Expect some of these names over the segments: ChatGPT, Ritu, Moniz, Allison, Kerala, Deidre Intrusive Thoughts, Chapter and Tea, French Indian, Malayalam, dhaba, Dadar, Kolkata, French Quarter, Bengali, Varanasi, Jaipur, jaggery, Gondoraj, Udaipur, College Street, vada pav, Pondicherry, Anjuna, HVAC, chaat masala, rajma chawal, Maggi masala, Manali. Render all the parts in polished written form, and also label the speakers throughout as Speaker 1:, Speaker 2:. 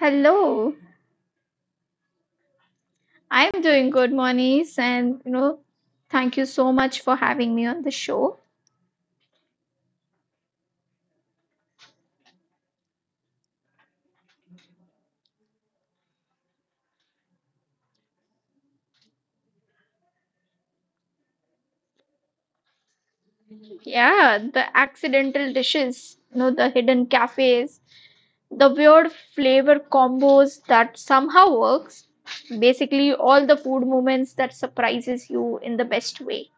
Speaker 1: Hello, I'm doing good, Moniz, and thank you so much for having me on the show. Yeah, the accidental dishes, the hidden cafes, the weird flavor combos that somehow works. Basically, all the food moments that surprises you in the best way.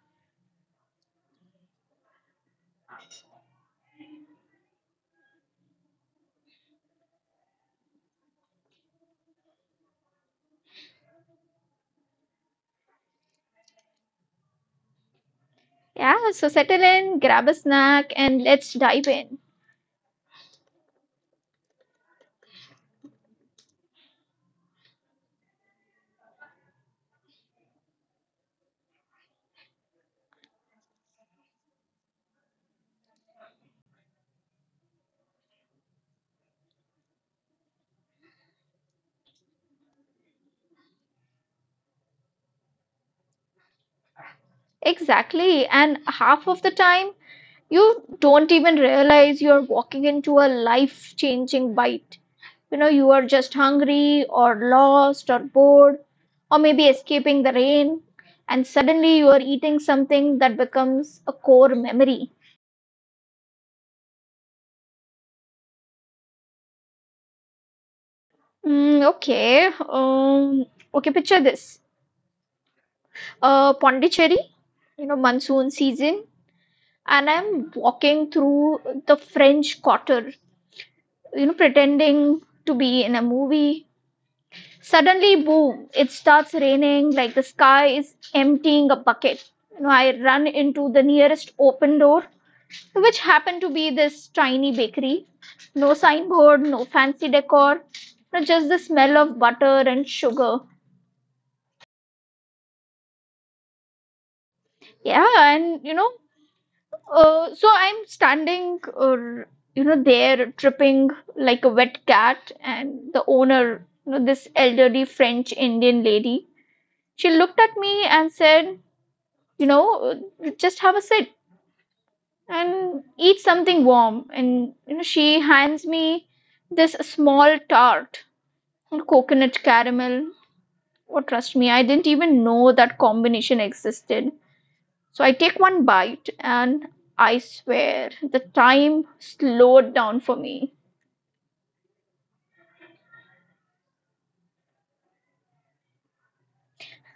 Speaker 1: Yeah, so settle in, grab a snack, and let's dive in. Exactly, and half of the time you don't even realize you're walking into a life-changing bite. You are just hungry or lost or bored or maybe escaping the rain, and suddenly you are eating something that becomes a core memory. Mm, okay. Okay, picture this. Pondicherry, monsoon season, and I'm walking through the French Quarter, pretending to be in a movie. Suddenly, boom, it starts raining like the sky is emptying a bucket. I run into the nearest open door, which happened to be this tiny bakery. No signboard, no fancy decor, you just the smell of butter and sugar. Yeah, and so I'm standing, there tripping like a wet cat, and the owner, this elderly French Indian lady, she looked at me and said, just have a sit and eat something warm. And she hands me this small tart, coconut caramel. Oh, trust me, I didn't even know that combination existed. So I take one bite and I swear the time slowed down for me.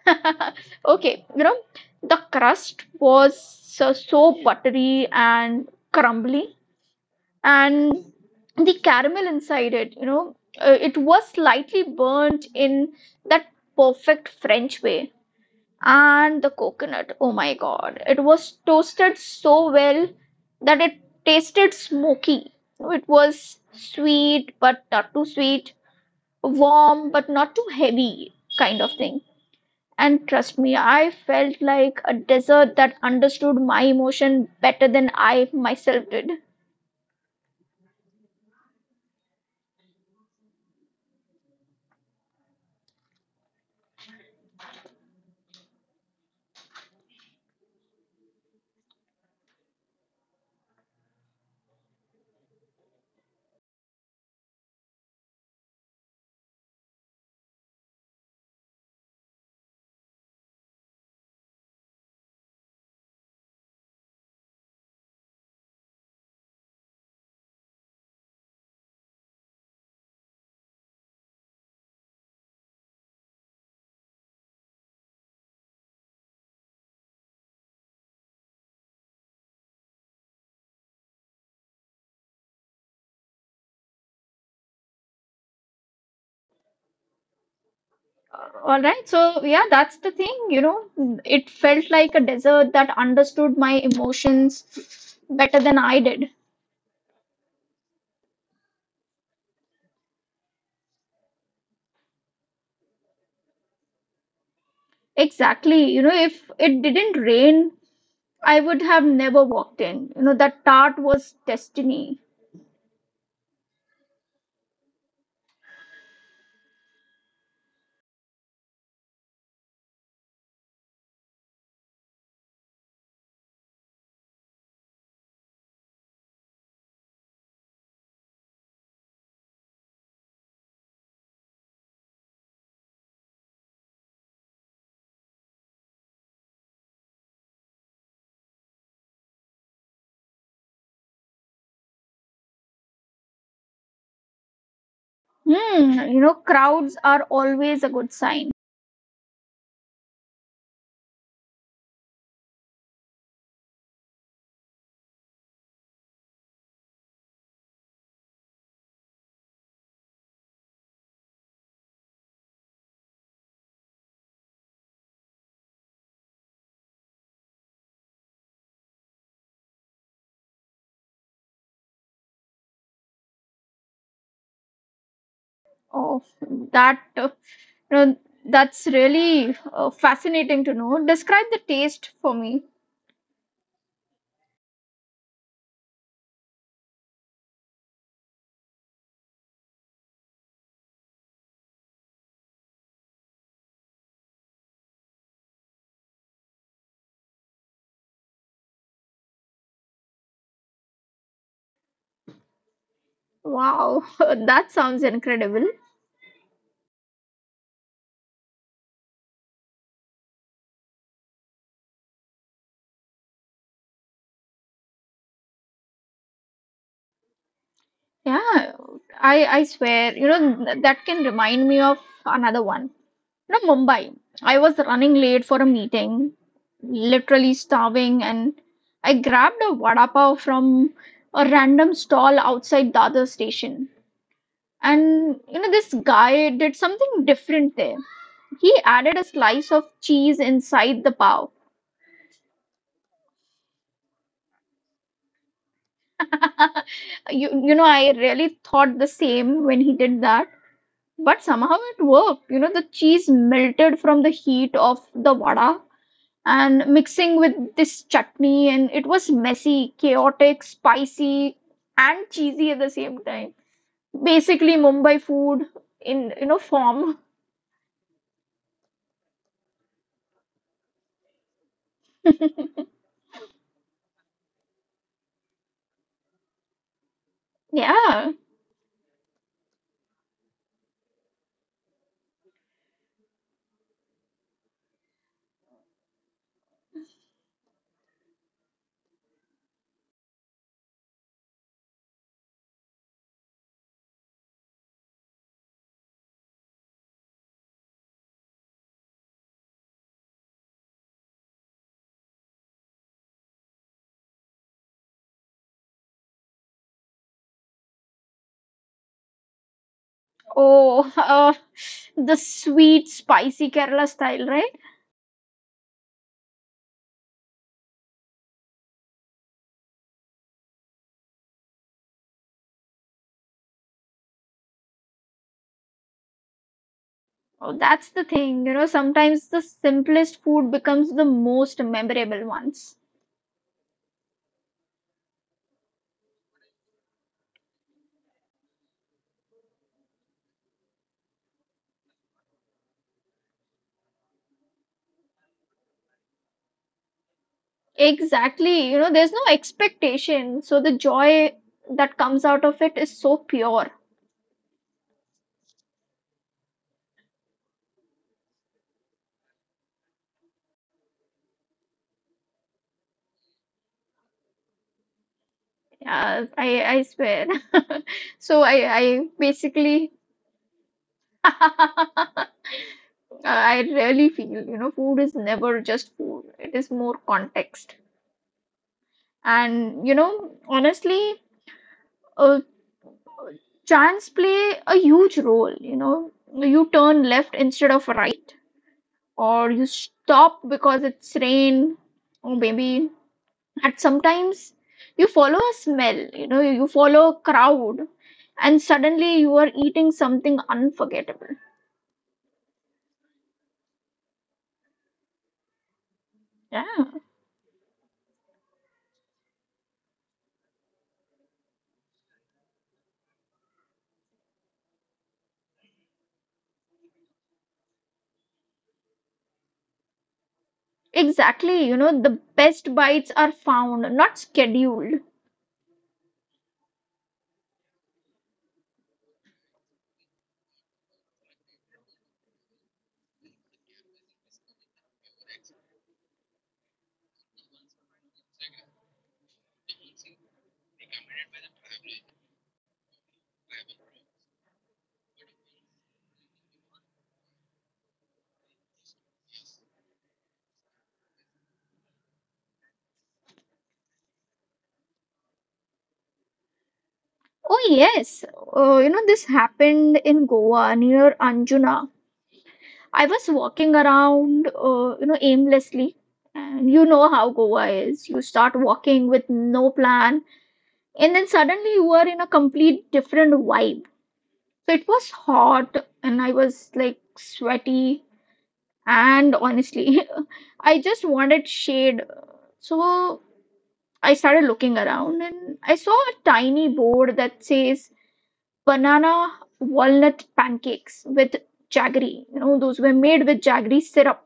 Speaker 1: Okay, the crust was so, so buttery and crumbly, and the caramel inside it, it was slightly burnt in that perfect French way. And the coconut, oh my god, it was toasted so well that it tasted smoky. It was sweet but not too sweet, warm but not too heavy, kind of thing. And trust me, I felt like a dessert that understood my emotion better than I myself did. All right, so yeah, that's the thing, it felt like a desert that understood my emotions better than I did. Exactly, if it didn't rain, I would have never walked in. That tart was destiny. Hmm, crowds are always a good sign. Oh, that, uh, you know, that's really fascinating to know. Describe the taste for me. Wow, that sounds incredible. Yeah, I swear, that can remind me of another one. Mumbai. I was running late for a meeting, literally starving, and I grabbed a vada pav from a random stall outside Dadar station. And this guy did something different there. He added a slice of cheese inside the pav. I really thought the same when he did that. But somehow it worked. The cheese melted from the heat of the vada and mixing with this chutney, and it was messy, chaotic, spicy, and cheesy at the same time. Basically, Mumbai food in form. Yeah. Oh, the sweet, spicy Kerala style, right? Oh, that's the thing. Sometimes the simplest food becomes the most memorable ones. Exactly. There's no expectation. So the joy that comes out of it is so pure. Yeah, I swear. So I basically, I really feel, food is never just food. It is more context. And honestly, uh, chance play a huge role. You turn left instead of right, or you stop because it's rain, or maybe and sometimes you follow a smell, you follow a crowd, and suddenly you are eating something unforgettable. Yeah, exactly. The best bites are found, not scheduled. Oh yes. This happened in Goa near Anjuna. I was walking around aimlessly. And you know how Goa is, you start walking with no plan and then suddenly you are in a complete different vibe. So it was hot and I was like sweaty. And honestly, I just wanted shade. So I started looking around and I saw a tiny board that says banana walnut pancakes with jaggery. Those were made with jaggery syrup.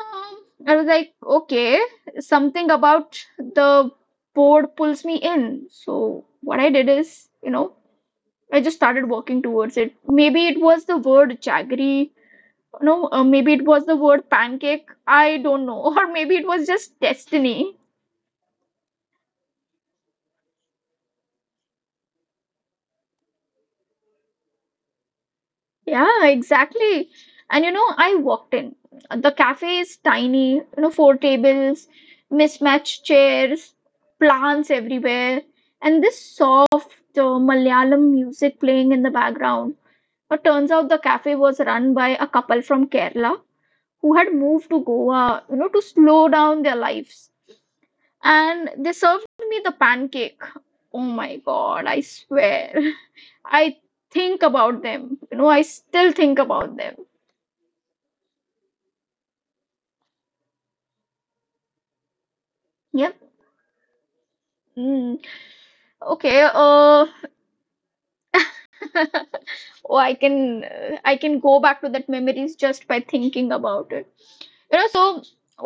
Speaker 1: Um, I was like, okay, something about the board pulls me in. So what I did is, I just started walking towards it. Maybe it was the word jaggery. No, maybe it was the word pancake. I don't know. Or maybe it was just destiny. Yeah, exactly. And I walked in. The cafe is tiny, four tables, mismatched chairs, plants everywhere, and this soft Malayalam music playing in the background. But turns out the cafe was run by a couple from Kerala who had moved to Goa, to slow down their lives. And they served me the pancake. Oh my god, I swear, I think about them, I still think about them. Yep. Mm. Okay. Oh, I can go back to that memories just by thinking about it. So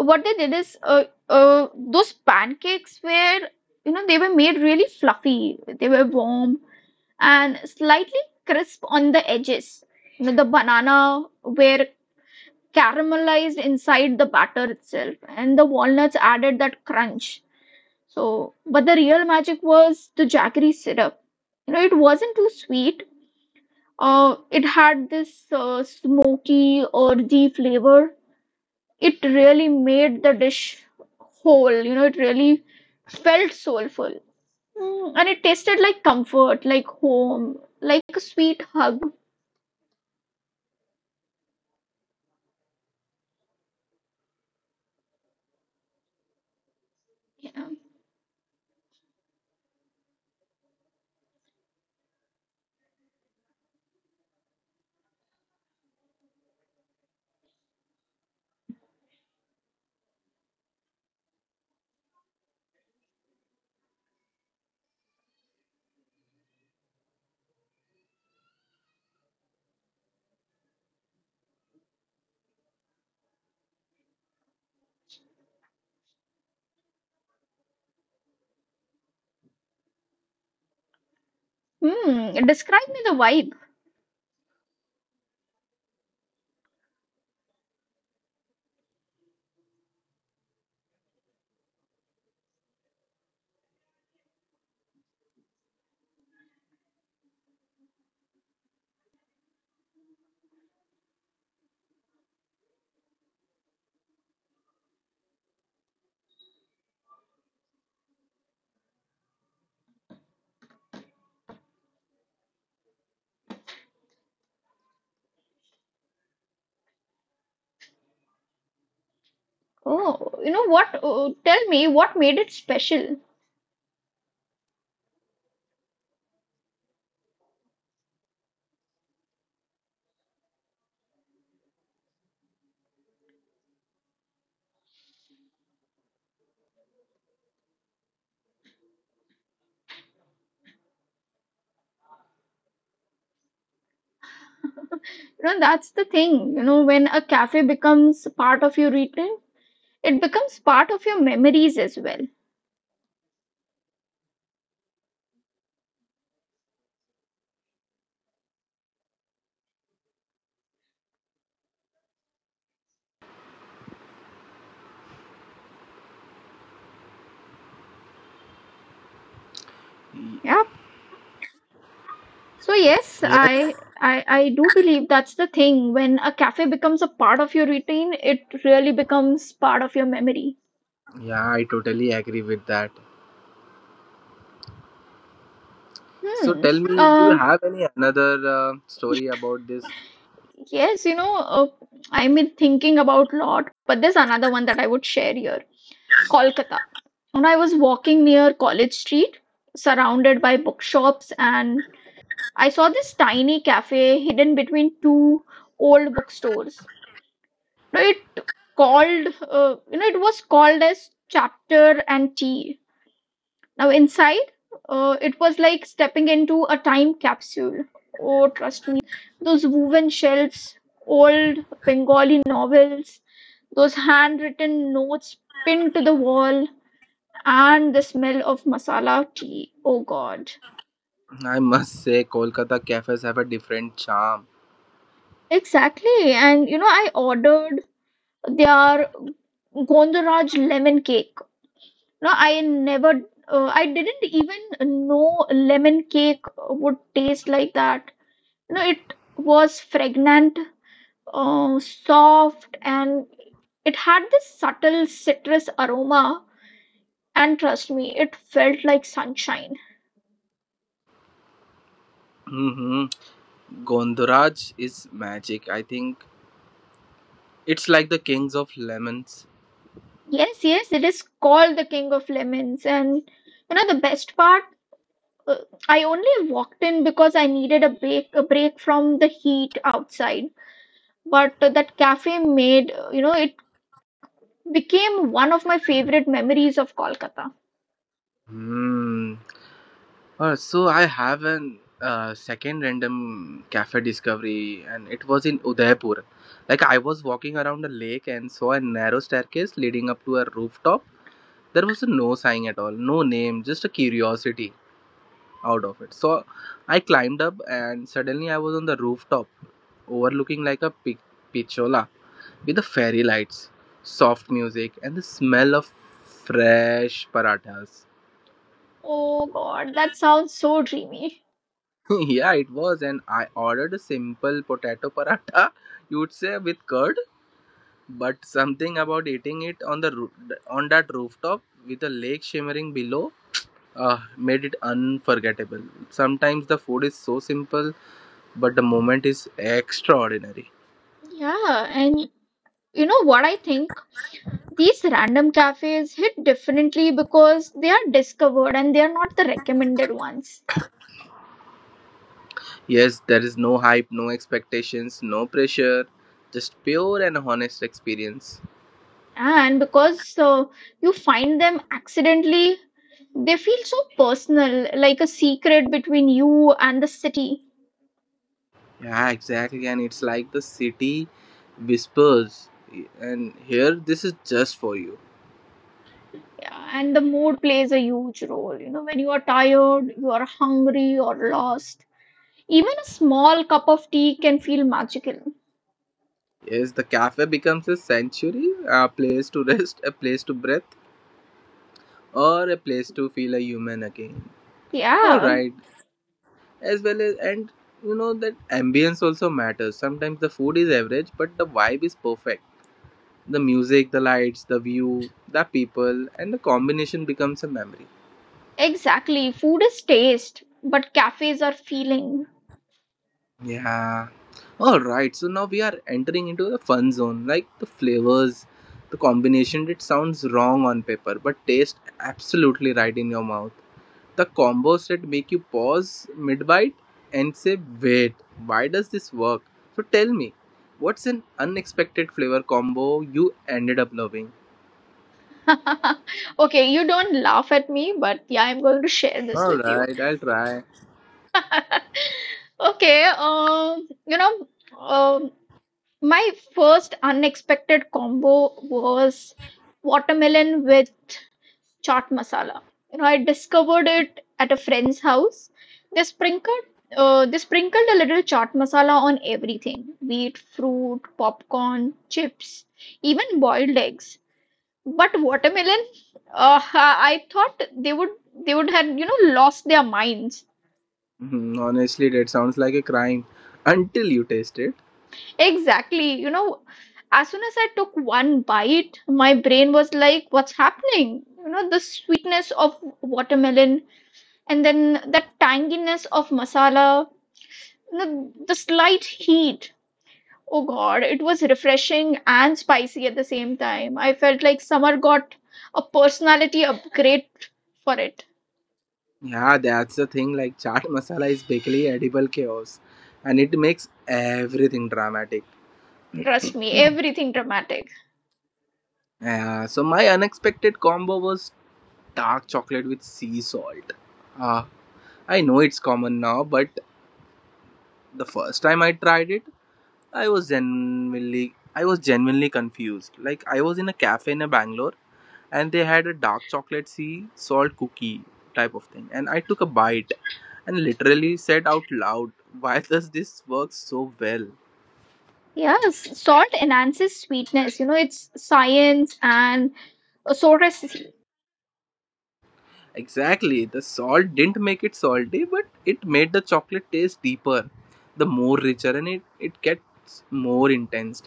Speaker 1: what they did is, those pancakes were, they were made really fluffy, they were warm and slightly crisp on the edges. The banana were caramelized inside the batter itself, and the walnuts added that crunch. So but the real magic was the jaggery syrup. It wasn't too sweet, it had this smoky earthy flavor. It really made the dish whole, it really felt soulful. Mm, and it tasted like comfort, like home, like a sweet hug. Yeah. Hmm, describe me the vibe. Oh, you know what? Oh, tell me what made it special. That's the thing. When a cafe becomes part of your routine, it becomes part of your memories as well. Yeah. So yes,
Speaker 2: Yes,
Speaker 1: I do believe that's the thing. When a cafe becomes a part of your routine, it really becomes part of your memory.
Speaker 2: yeah, I totally agree with that. So
Speaker 1: Hmm.
Speaker 2: tell me, do you
Speaker 1: Uh,
Speaker 2: have any another story about this?
Speaker 1: yes, I've been thinking about lot, but there's another one that I would share here. Kolkata. When I was walking near College Street, surrounded by bookshops, and I saw this tiny cafe hidden between two old bookstores. Now it was called as Chapter and Tea. Now inside, it was like stepping into a time capsule. Oh, trust those woven shelves, old Bengali novels, those handwritten notes pinned to the wall, and the smell of masala tea. Oh God.
Speaker 2: I must say, Kolkata cafes have a different charm.
Speaker 1: Exactly. And I ordered their Gondoraj lemon cake. No, I didn't even know lemon cake would taste like that. No, it was fragrant, soft, and it had this subtle citrus aroma. And trust me, it felt like sunshine.
Speaker 2: hmm Gondoraj is magic. I think it's like the kings of lemons.
Speaker 1: Yes, yes, it is called the King of Lemons. And the best part, uh, I only walked in because I needed a break from the heat outside. But that cafe made, you know, it became one of my favorite memories of Kolkata.
Speaker 2: Hmm. So I have an second random cafe discovery, and it was in Udaipur. I was walking around a lake and saw a narrow staircase leading up to a rooftop. There was no sign at all, no name, just a curiosity out of it. So I climbed up and suddenly I was on the rooftop, overlooking like a with the fairy lights, soft music, and the smell of fresh parathas.
Speaker 1: Oh God, that sounds so dreamy.
Speaker 2: Yeah, it was, and I ordered a simple potato paratha, you would say with curd, but something about eating it on the on that rooftop with the lake shimmering below made it unforgettable. Sometimes the food is so simple, but the moment is extraordinary.
Speaker 1: Yeah, and you know what I think? These random cafes hit differently because they are discovered and they are not the recommended ones.
Speaker 2: Yes, there is no hype, no expectations, no pressure, just pure and honest experience.
Speaker 1: And because you find them accidentally, they feel so personal, like a secret between you and the city.
Speaker 2: Yeah, exactly. And it's like the city whispers, and here this is just for you.
Speaker 1: Yeah, and the mood plays a huge role, when you are tired, you are hungry or lost, even a small cup of tea can feel magical.
Speaker 2: Yes, the cafe becomes a sanctuary, a place to rest, a place to breathe, or a place to feel a human again. All
Speaker 1: Yeah,
Speaker 2: right, as well as and that ambience also matters. Sometimes the food is average, but the vibe is perfect, the music, the lights, the view, the people, and the combination becomes a memory.
Speaker 1: exactly. Food is taste, but cafes are feeling.
Speaker 2: Yeah, all right. So now we are entering into the fun zone, like the flavors, the combination, it sounds wrong on paper but taste absolutely right in your mouth. The combo set make you pause mid bite and say, wait, why does this work? So tell me, what's an unexpected flavor combo you ended up loving?
Speaker 1: Okay, you don't laugh at me, but yeah, I'm going to share this with you.
Speaker 2: Alright, I'll try.
Speaker 1: Okay, um, my first unexpected combo was watermelon with chaat masala. I discovered it at a friend's house. They sprinkled, they sprinkled a little chaat masala on everything, be it fruit, popcorn, chips, even boiled eggs. But watermelon, I thought they would have lost their minds.
Speaker 2: Hmm, honestly, that sounds like a crime until you taste it.
Speaker 1: Exactly. As soon as I took one bite, my brain was like, what's happening? The sweetness of watermelon and then the tanginess of masala, the slight heat. Oh God, it was refreshing and spicy at the same time. I felt like summer got a personality upgrade for it.
Speaker 2: Yeah, that's the thing. Like, chaat masala is basically edible chaos and it makes everything dramatic.
Speaker 1: Trust me, everything dramatic.
Speaker 2: Yeah, so my unexpected combo was dark chocolate with sea salt. Ah, I know it's common now, but the first time I tried it I was genuinely confused. Like I was in a cafe in Bangalore and they had a dark chocolate sea salt cookie type of thing and I took a bite and literally said out loud, why does this work so well?
Speaker 1: Yes, salt enhances sweetness. It's science and a source.
Speaker 2: Exactly, the salt didn't make it salty, but it made the chocolate taste deeper, the more richer, and it gets more intense.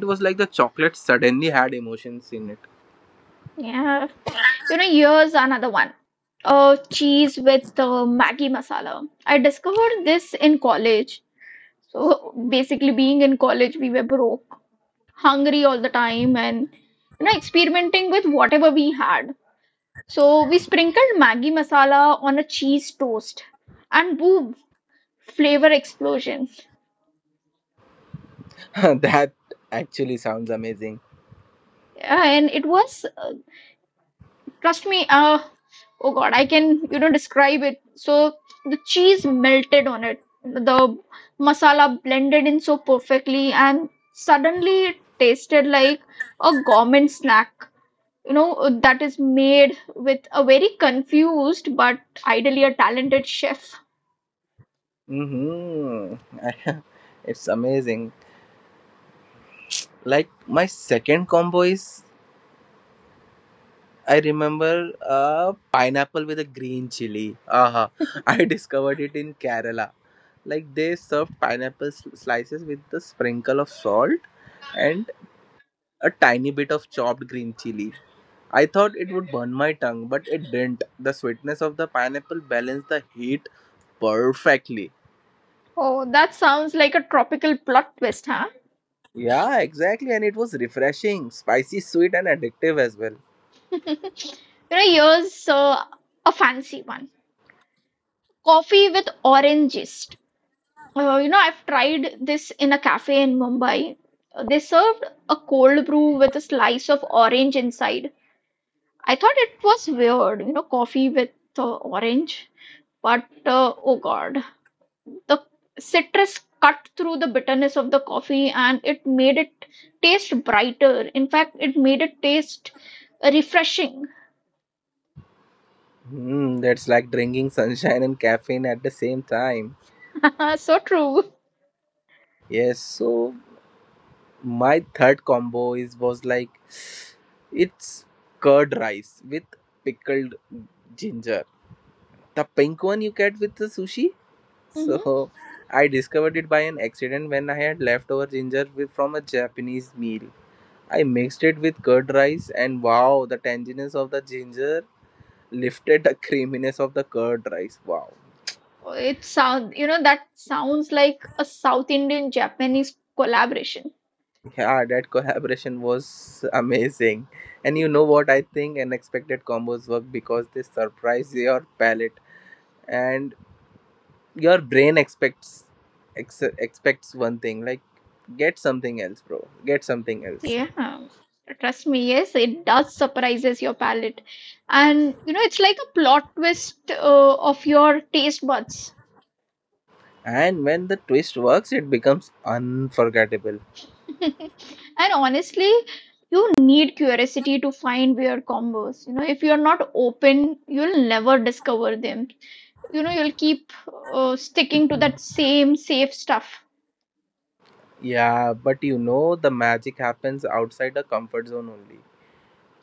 Speaker 2: It was like the chocolate suddenly had emotions in it.
Speaker 1: Yeah. Here's another one. Cheese with Maggi masala. I discovered this in college. So basically, being in college, we were broke, hungry all the time, and experimenting with whatever we had. So we sprinkled Maggi masala on a cheese toast, and boom, flavor explosion.
Speaker 2: That actually sounds amazing.
Speaker 1: Yeah, and it was trust me, oh God, I can, describe it. So the cheese melted on it, the masala blended in so perfectly, and suddenly it tasted like a gourmet snack, that is made with a very confused but ideally a talented chef.
Speaker 2: Mm-hmm. It's amazing. Like my second combo is, I remember pineapple with a green chili. Uh-huh. I discovered it in Kerala. Like they serve pineapple slices with the sprinkle of salt and a tiny bit of chopped green chili. I thought it would burn my tongue, but it didn't. The sweetness of the pineapple balanced the heat perfectly.
Speaker 1: Oh, that sounds like a tropical plot twist, huh?
Speaker 2: Yeah, exactly. And it was refreshing, spicy, sweet, and addictive as well.
Speaker 1: Here's a fancy one. Coffee with orange zest. I've tried this in a cafe in Mumbai. They served a cold brew with a slice of orange inside. I thought it was weird, coffee with orange. But oh God, the citrus cut through the bitterness of the coffee and it made it taste brighter. In fact, it made it taste refreshing.
Speaker 2: Hmm, that's like drinking sunshine and caffeine at the same time.
Speaker 1: So true.
Speaker 2: Yes, so my third combo is was like it's curd rice with pickled ginger, the pink one you get with the sushi.
Speaker 1: Hmm
Speaker 2: So I discovered it by an accident when I had leftover ginger with, from a Japanese meal. I mixed it with curd rice and wow, the tanginess of the ginger lifted the creaminess of the curd rice. Wow.
Speaker 1: It sound, you know, that sounds like a South Indian Japanese collaboration.
Speaker 2: Yeah, that collaboration was amazing. And you know what? I think unexpected combos work because they surprise your palate and your brain expects one thing, like get something else, bro. Get something else.
Speaker 1: Yeah, trust me, yes, it does surprises your palate. And it's like a plot twist of your taste buds.
Speaker 2: And when the twist works, it becomes unforgettable.
Speaker 1: And honestly, you need curiosity to find weird combos. If you're not open, you'll never discover them. You'll keep sticking to that same safe stuff.
Speaker 2: Yeah, but you know the magic happens outside the comfort zone only.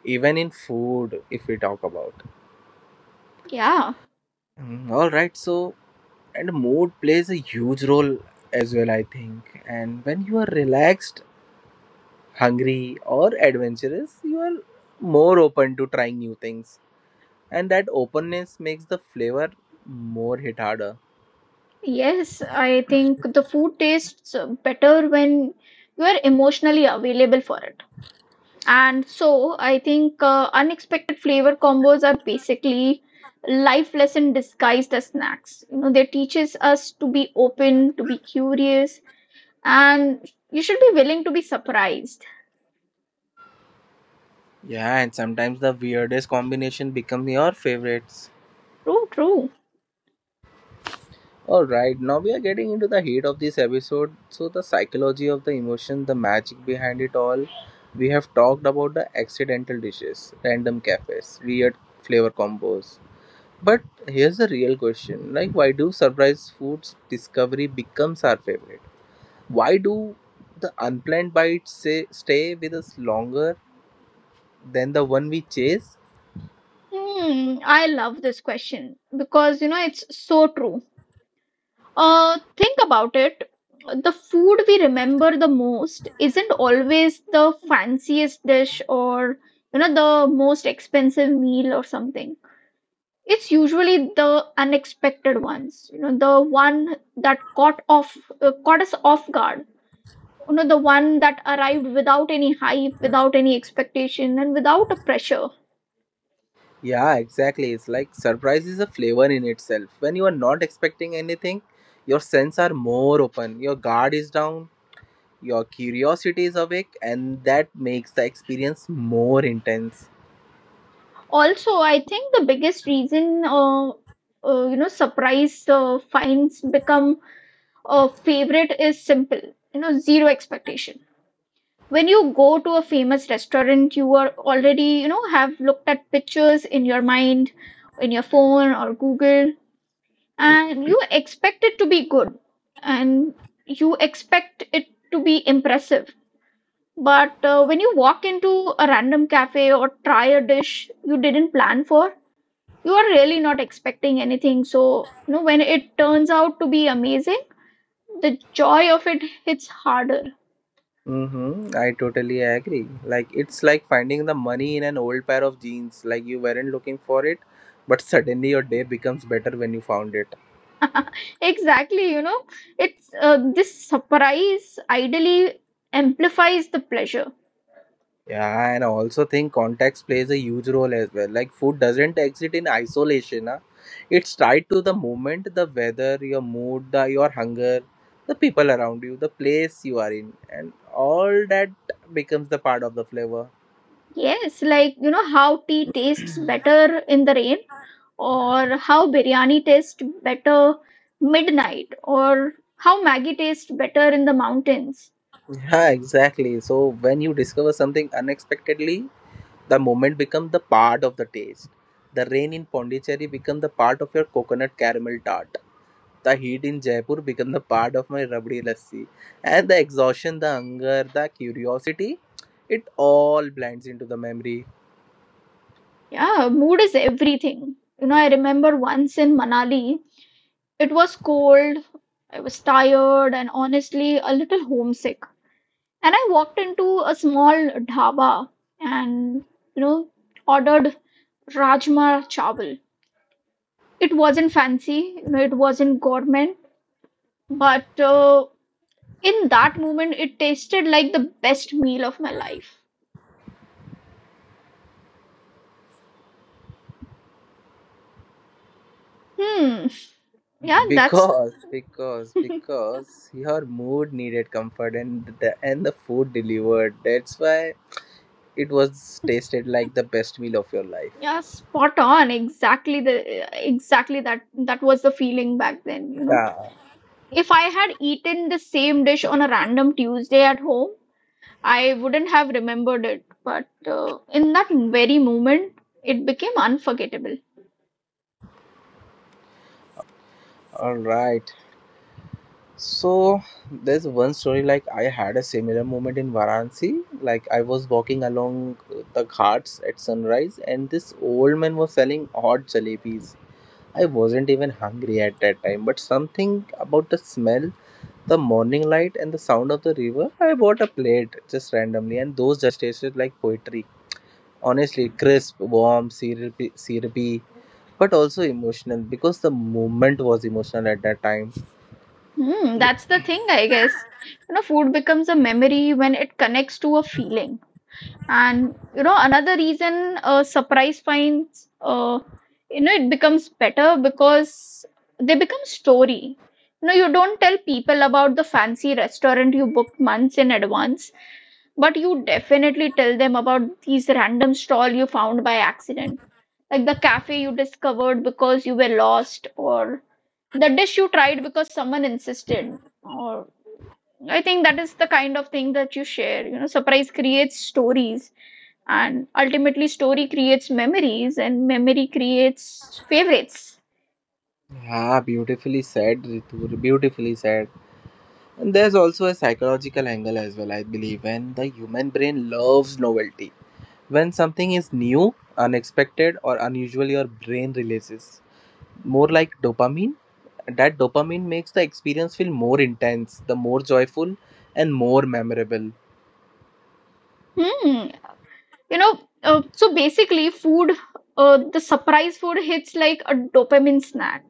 Speaker 2: Even in food, if we talk about.
Speaker 1: Yeah,
Speaker 2: All right, so and mood plays a huge role as well, I think. And when you are relaxed, hungry, or adventurous, you are more open to trying new things, and that openness makes the flavor more hit harder.
Speaker 1: yes, I think the food tastes better when you are emotionally available for it. And so I think unexpected flavor combos are basically life lesson disguised as snacks. They teaches us to be open, to be curious, and you should be willing to be surprised.
Speaker 2: Yeah, and sometimes the weirdest combination become your favorites.
Speaker 1: True, true.
Speaker 2: All right, now we are getting into the heat of this episode. So the psychology of the emotion, the magic behind it all, we have talked about the accidental dishes, random cafes, weird flavor combos. But here's the real question. Like why do surprise foods discovery becomes our favorite? Why do the unplanned bites say stay with us longer than the one we chase?
Speaker 1: I love this question because it's so true. Think about it. The food we remember the most isn't always the fanciest dish or the most expensive meal or something. It's usually the unexpected ones, the one that caught us off guard, the one that arrived without any hype, without any expectation, and without a pressure
Speaker 2: Yeah, exactly. It's like surprise is a flavor in itself. When you are not expecting anything, your senses are more open. Your guard is down, your curiosity is awake, and that makes the experience more intense.
Speaker 1: also. I think the biggest reason surprise finds become a favorite is simple. Zero expectation. When you go to a famous restaurant, you are already, have looked at pictures in your mind, in your phone or Google, and you expect it to be good and you expect it to be impressive. But when you walk into a random cafe or try a dish you didn't plan for, you are really not expecting anything. So when it turns out to be amazing, the joy of it hits harder.
Speaker 2: Mm-hmm. I totally agree. It's like finding the money in an old pair of jeans. Like you weren't looking for it, but suddenly your day becomes better when you found it.
Speaker 1: Exactly. It's this surprise ideally amplifies the pleasure.
Speaker 2: Yeah, and I also think context plays a huge role as well. Like food doesn't exist in isolation. Huh? It's tied to the moment, the weather, your mood, the your hunger, the people around you, the place you are in, and all that becomes the part of the flavor.
Speaker 1: Yes, like you know how tea tastes better in the rain, or how biryani tastes better midnight, or how Maggie tastes better in the mountains.
Speaker 2: Yeah, exactly. So when you discover something unexpectedly, the moment become the part of the taste. The rain in Pondicherry become the part of your coconut caramel tart. The heat in Jaipur become the part of my rabdi lassi. And the exhaustion, the hunger, the curiosity, it all blends into the memory.
Speaker 1: Yeah, mood is everything. I remember once in Manali, it was cold, I was tired, and honestly a little homesick. And I walked into a small dhaba and you know ordered rajma chawal. It wasn't fancy, it wasn't gourmet. But in that moment, it tasted like the best meal of my life. Hmm. Yeah, that's
Speaker 2: Because your mood needed comfort and the food delivered. That's why it was tasted like the best meal of your life.
Speaker 1: yeah, spot on. Exactly that was the feeling back then.
Speaker 2: Yeah.
Speaker 1: If I had eaten the same dish on a random Tuesday at home, I wouldn't have remembered it. But in that very moment, it became unforgettable.
Speaker 2: All right. So there's one story like I had a similar moment in Varanasi. Like I was walking along the ghats at sunrise, and this old man was selling hot jalebis. I wasn't even hungry at that time, but something about the smell, the morning light, and the sound of the river. I bought a plate just randomly, and those jalebis tasted like poetry. Honestly, crisp, warm, syrupy, but also emotional because the moment was emotional at that time.
Speaker 1: That's the thing, I guess. Food becomes a memory when it connects to a feeling. And another reason surprise finds, it becomes better because they become story. You don't tell people about the fancy restaurant you booked months in advance, but you definitely tell them about these random stall you found by accident, like the cafe you discovered because you were lost, or the dish you tried because someone insisted. Or I think that is the kind of thing that you share. Surprise creates stories and ultimately story creates memories and memory creates favorites.
Speaker 2: Yeah, beautifully said, Ritu. Beautifully said. And there's also a psychological angle as well, I believe, when the human brain loves novelty. When something is new, unexpected, or unusual, your brain releases more like dopamine. That dopamine makes the experience feel more intense, the more joyful, and more memorable.
Speaker 1: Hmm you know uh, so basically food the surprise food hits like a dopamine snack.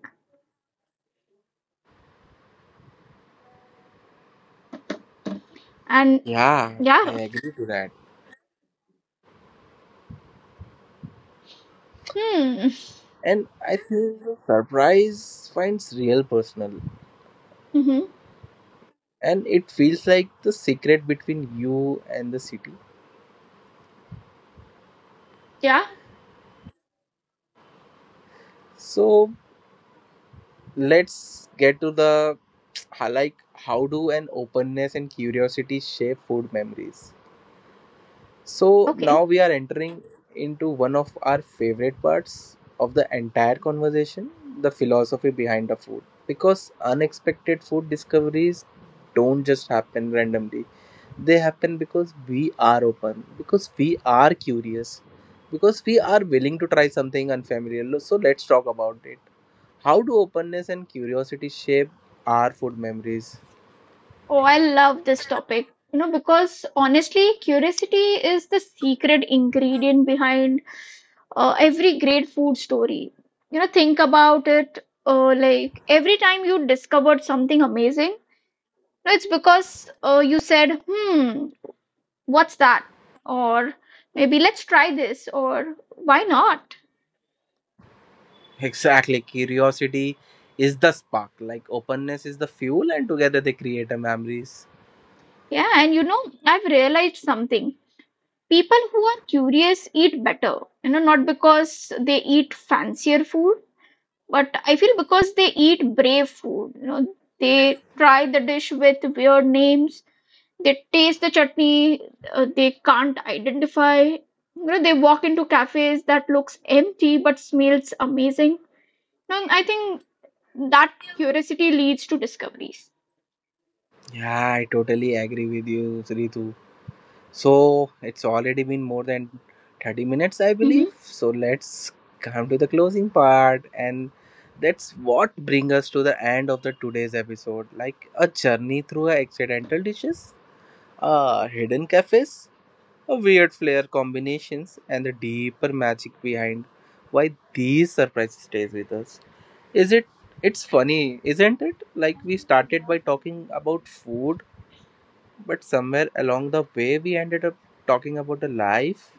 Speaker 1: And
Speaker 2: Yeah, I
Speaker 1: yeah,
Speaker 2: agree to that.
Speaker 1: hmm,
Speaker 2: And I think the surprise finds real personal,
Speaker 1: hmm,
Speaker 2: and it feels like the secret between you and the city.
Speaker 1: yeah,
Speaker 2: So let's get to the like how do an openness and curiosity shape food memories. So now
Speaker 1: okay.
Speaker 2: we are entering into one of our favorite parts of the entire conversation, the philosophy behind the food. Because unexpected food discoveries don't just happen randomly, they happen because we are open, because we are curious, because we are willing to try something unfamiliar. So let's talk about it, how do openness and curiosity shape our food memories?
Speaker 1: Oh, I love this topic because honestly curiosity is the secret ingredient behind every great food story. Think about it, like every time you discovered something amazing. No, it's because you said, hmm, what's that? Or maybe let's try this, or why not?
Speaker 2: Exactly, curiosity is the spark, like openness is the fuel, and together they create a memories.
Speaker 1: Yeah, and I've realized something. People who are curious eat better, not because they eat fancier food, but I feel because they eat brave food. They try the dish with weird names, they taste the chutney they can't identify. They walk into cafes that looks empty but smells amazing. And I think that curiosity leads to discoveries.
Speaker 2: Yeah, I totally agree with you, Ritu. So it's already been more than 30 minutes, I believe. So let's come to the closing part, and that's what brings us to the end of the today's episode. Like a journey through accidental dishes, hidden cafes, a weird flair combinations, and the deeper magic behind why these surprises stays with us. Is it? It's funny, isn't it? Like we started by talking about food, but somewhere along the way, we ended up talking about the life.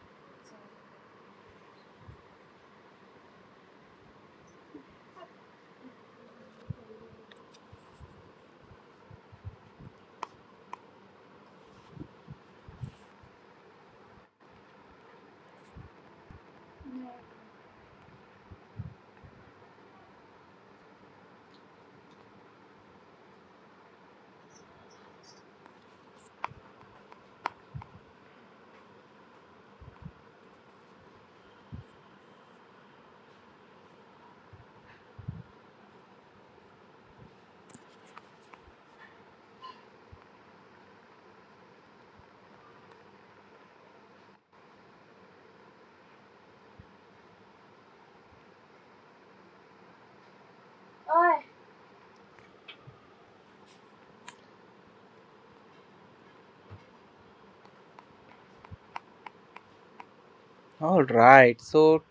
Speaker 2: All right. So,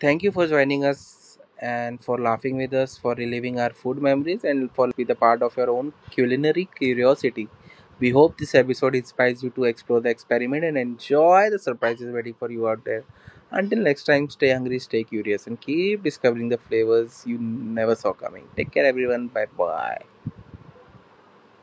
Speaker 2: thank you for joining us and for laughing with us, for reliving our food memories, and for letting us be the part of your own culinary curiosity. We hope this episode inspires you to explore the experiment and enjoy the surprises waiting for you out there. Until next time, stay hungry, stay curious, and keep discovering the flavors you never saw coming. Take care, everyone. Bye bye.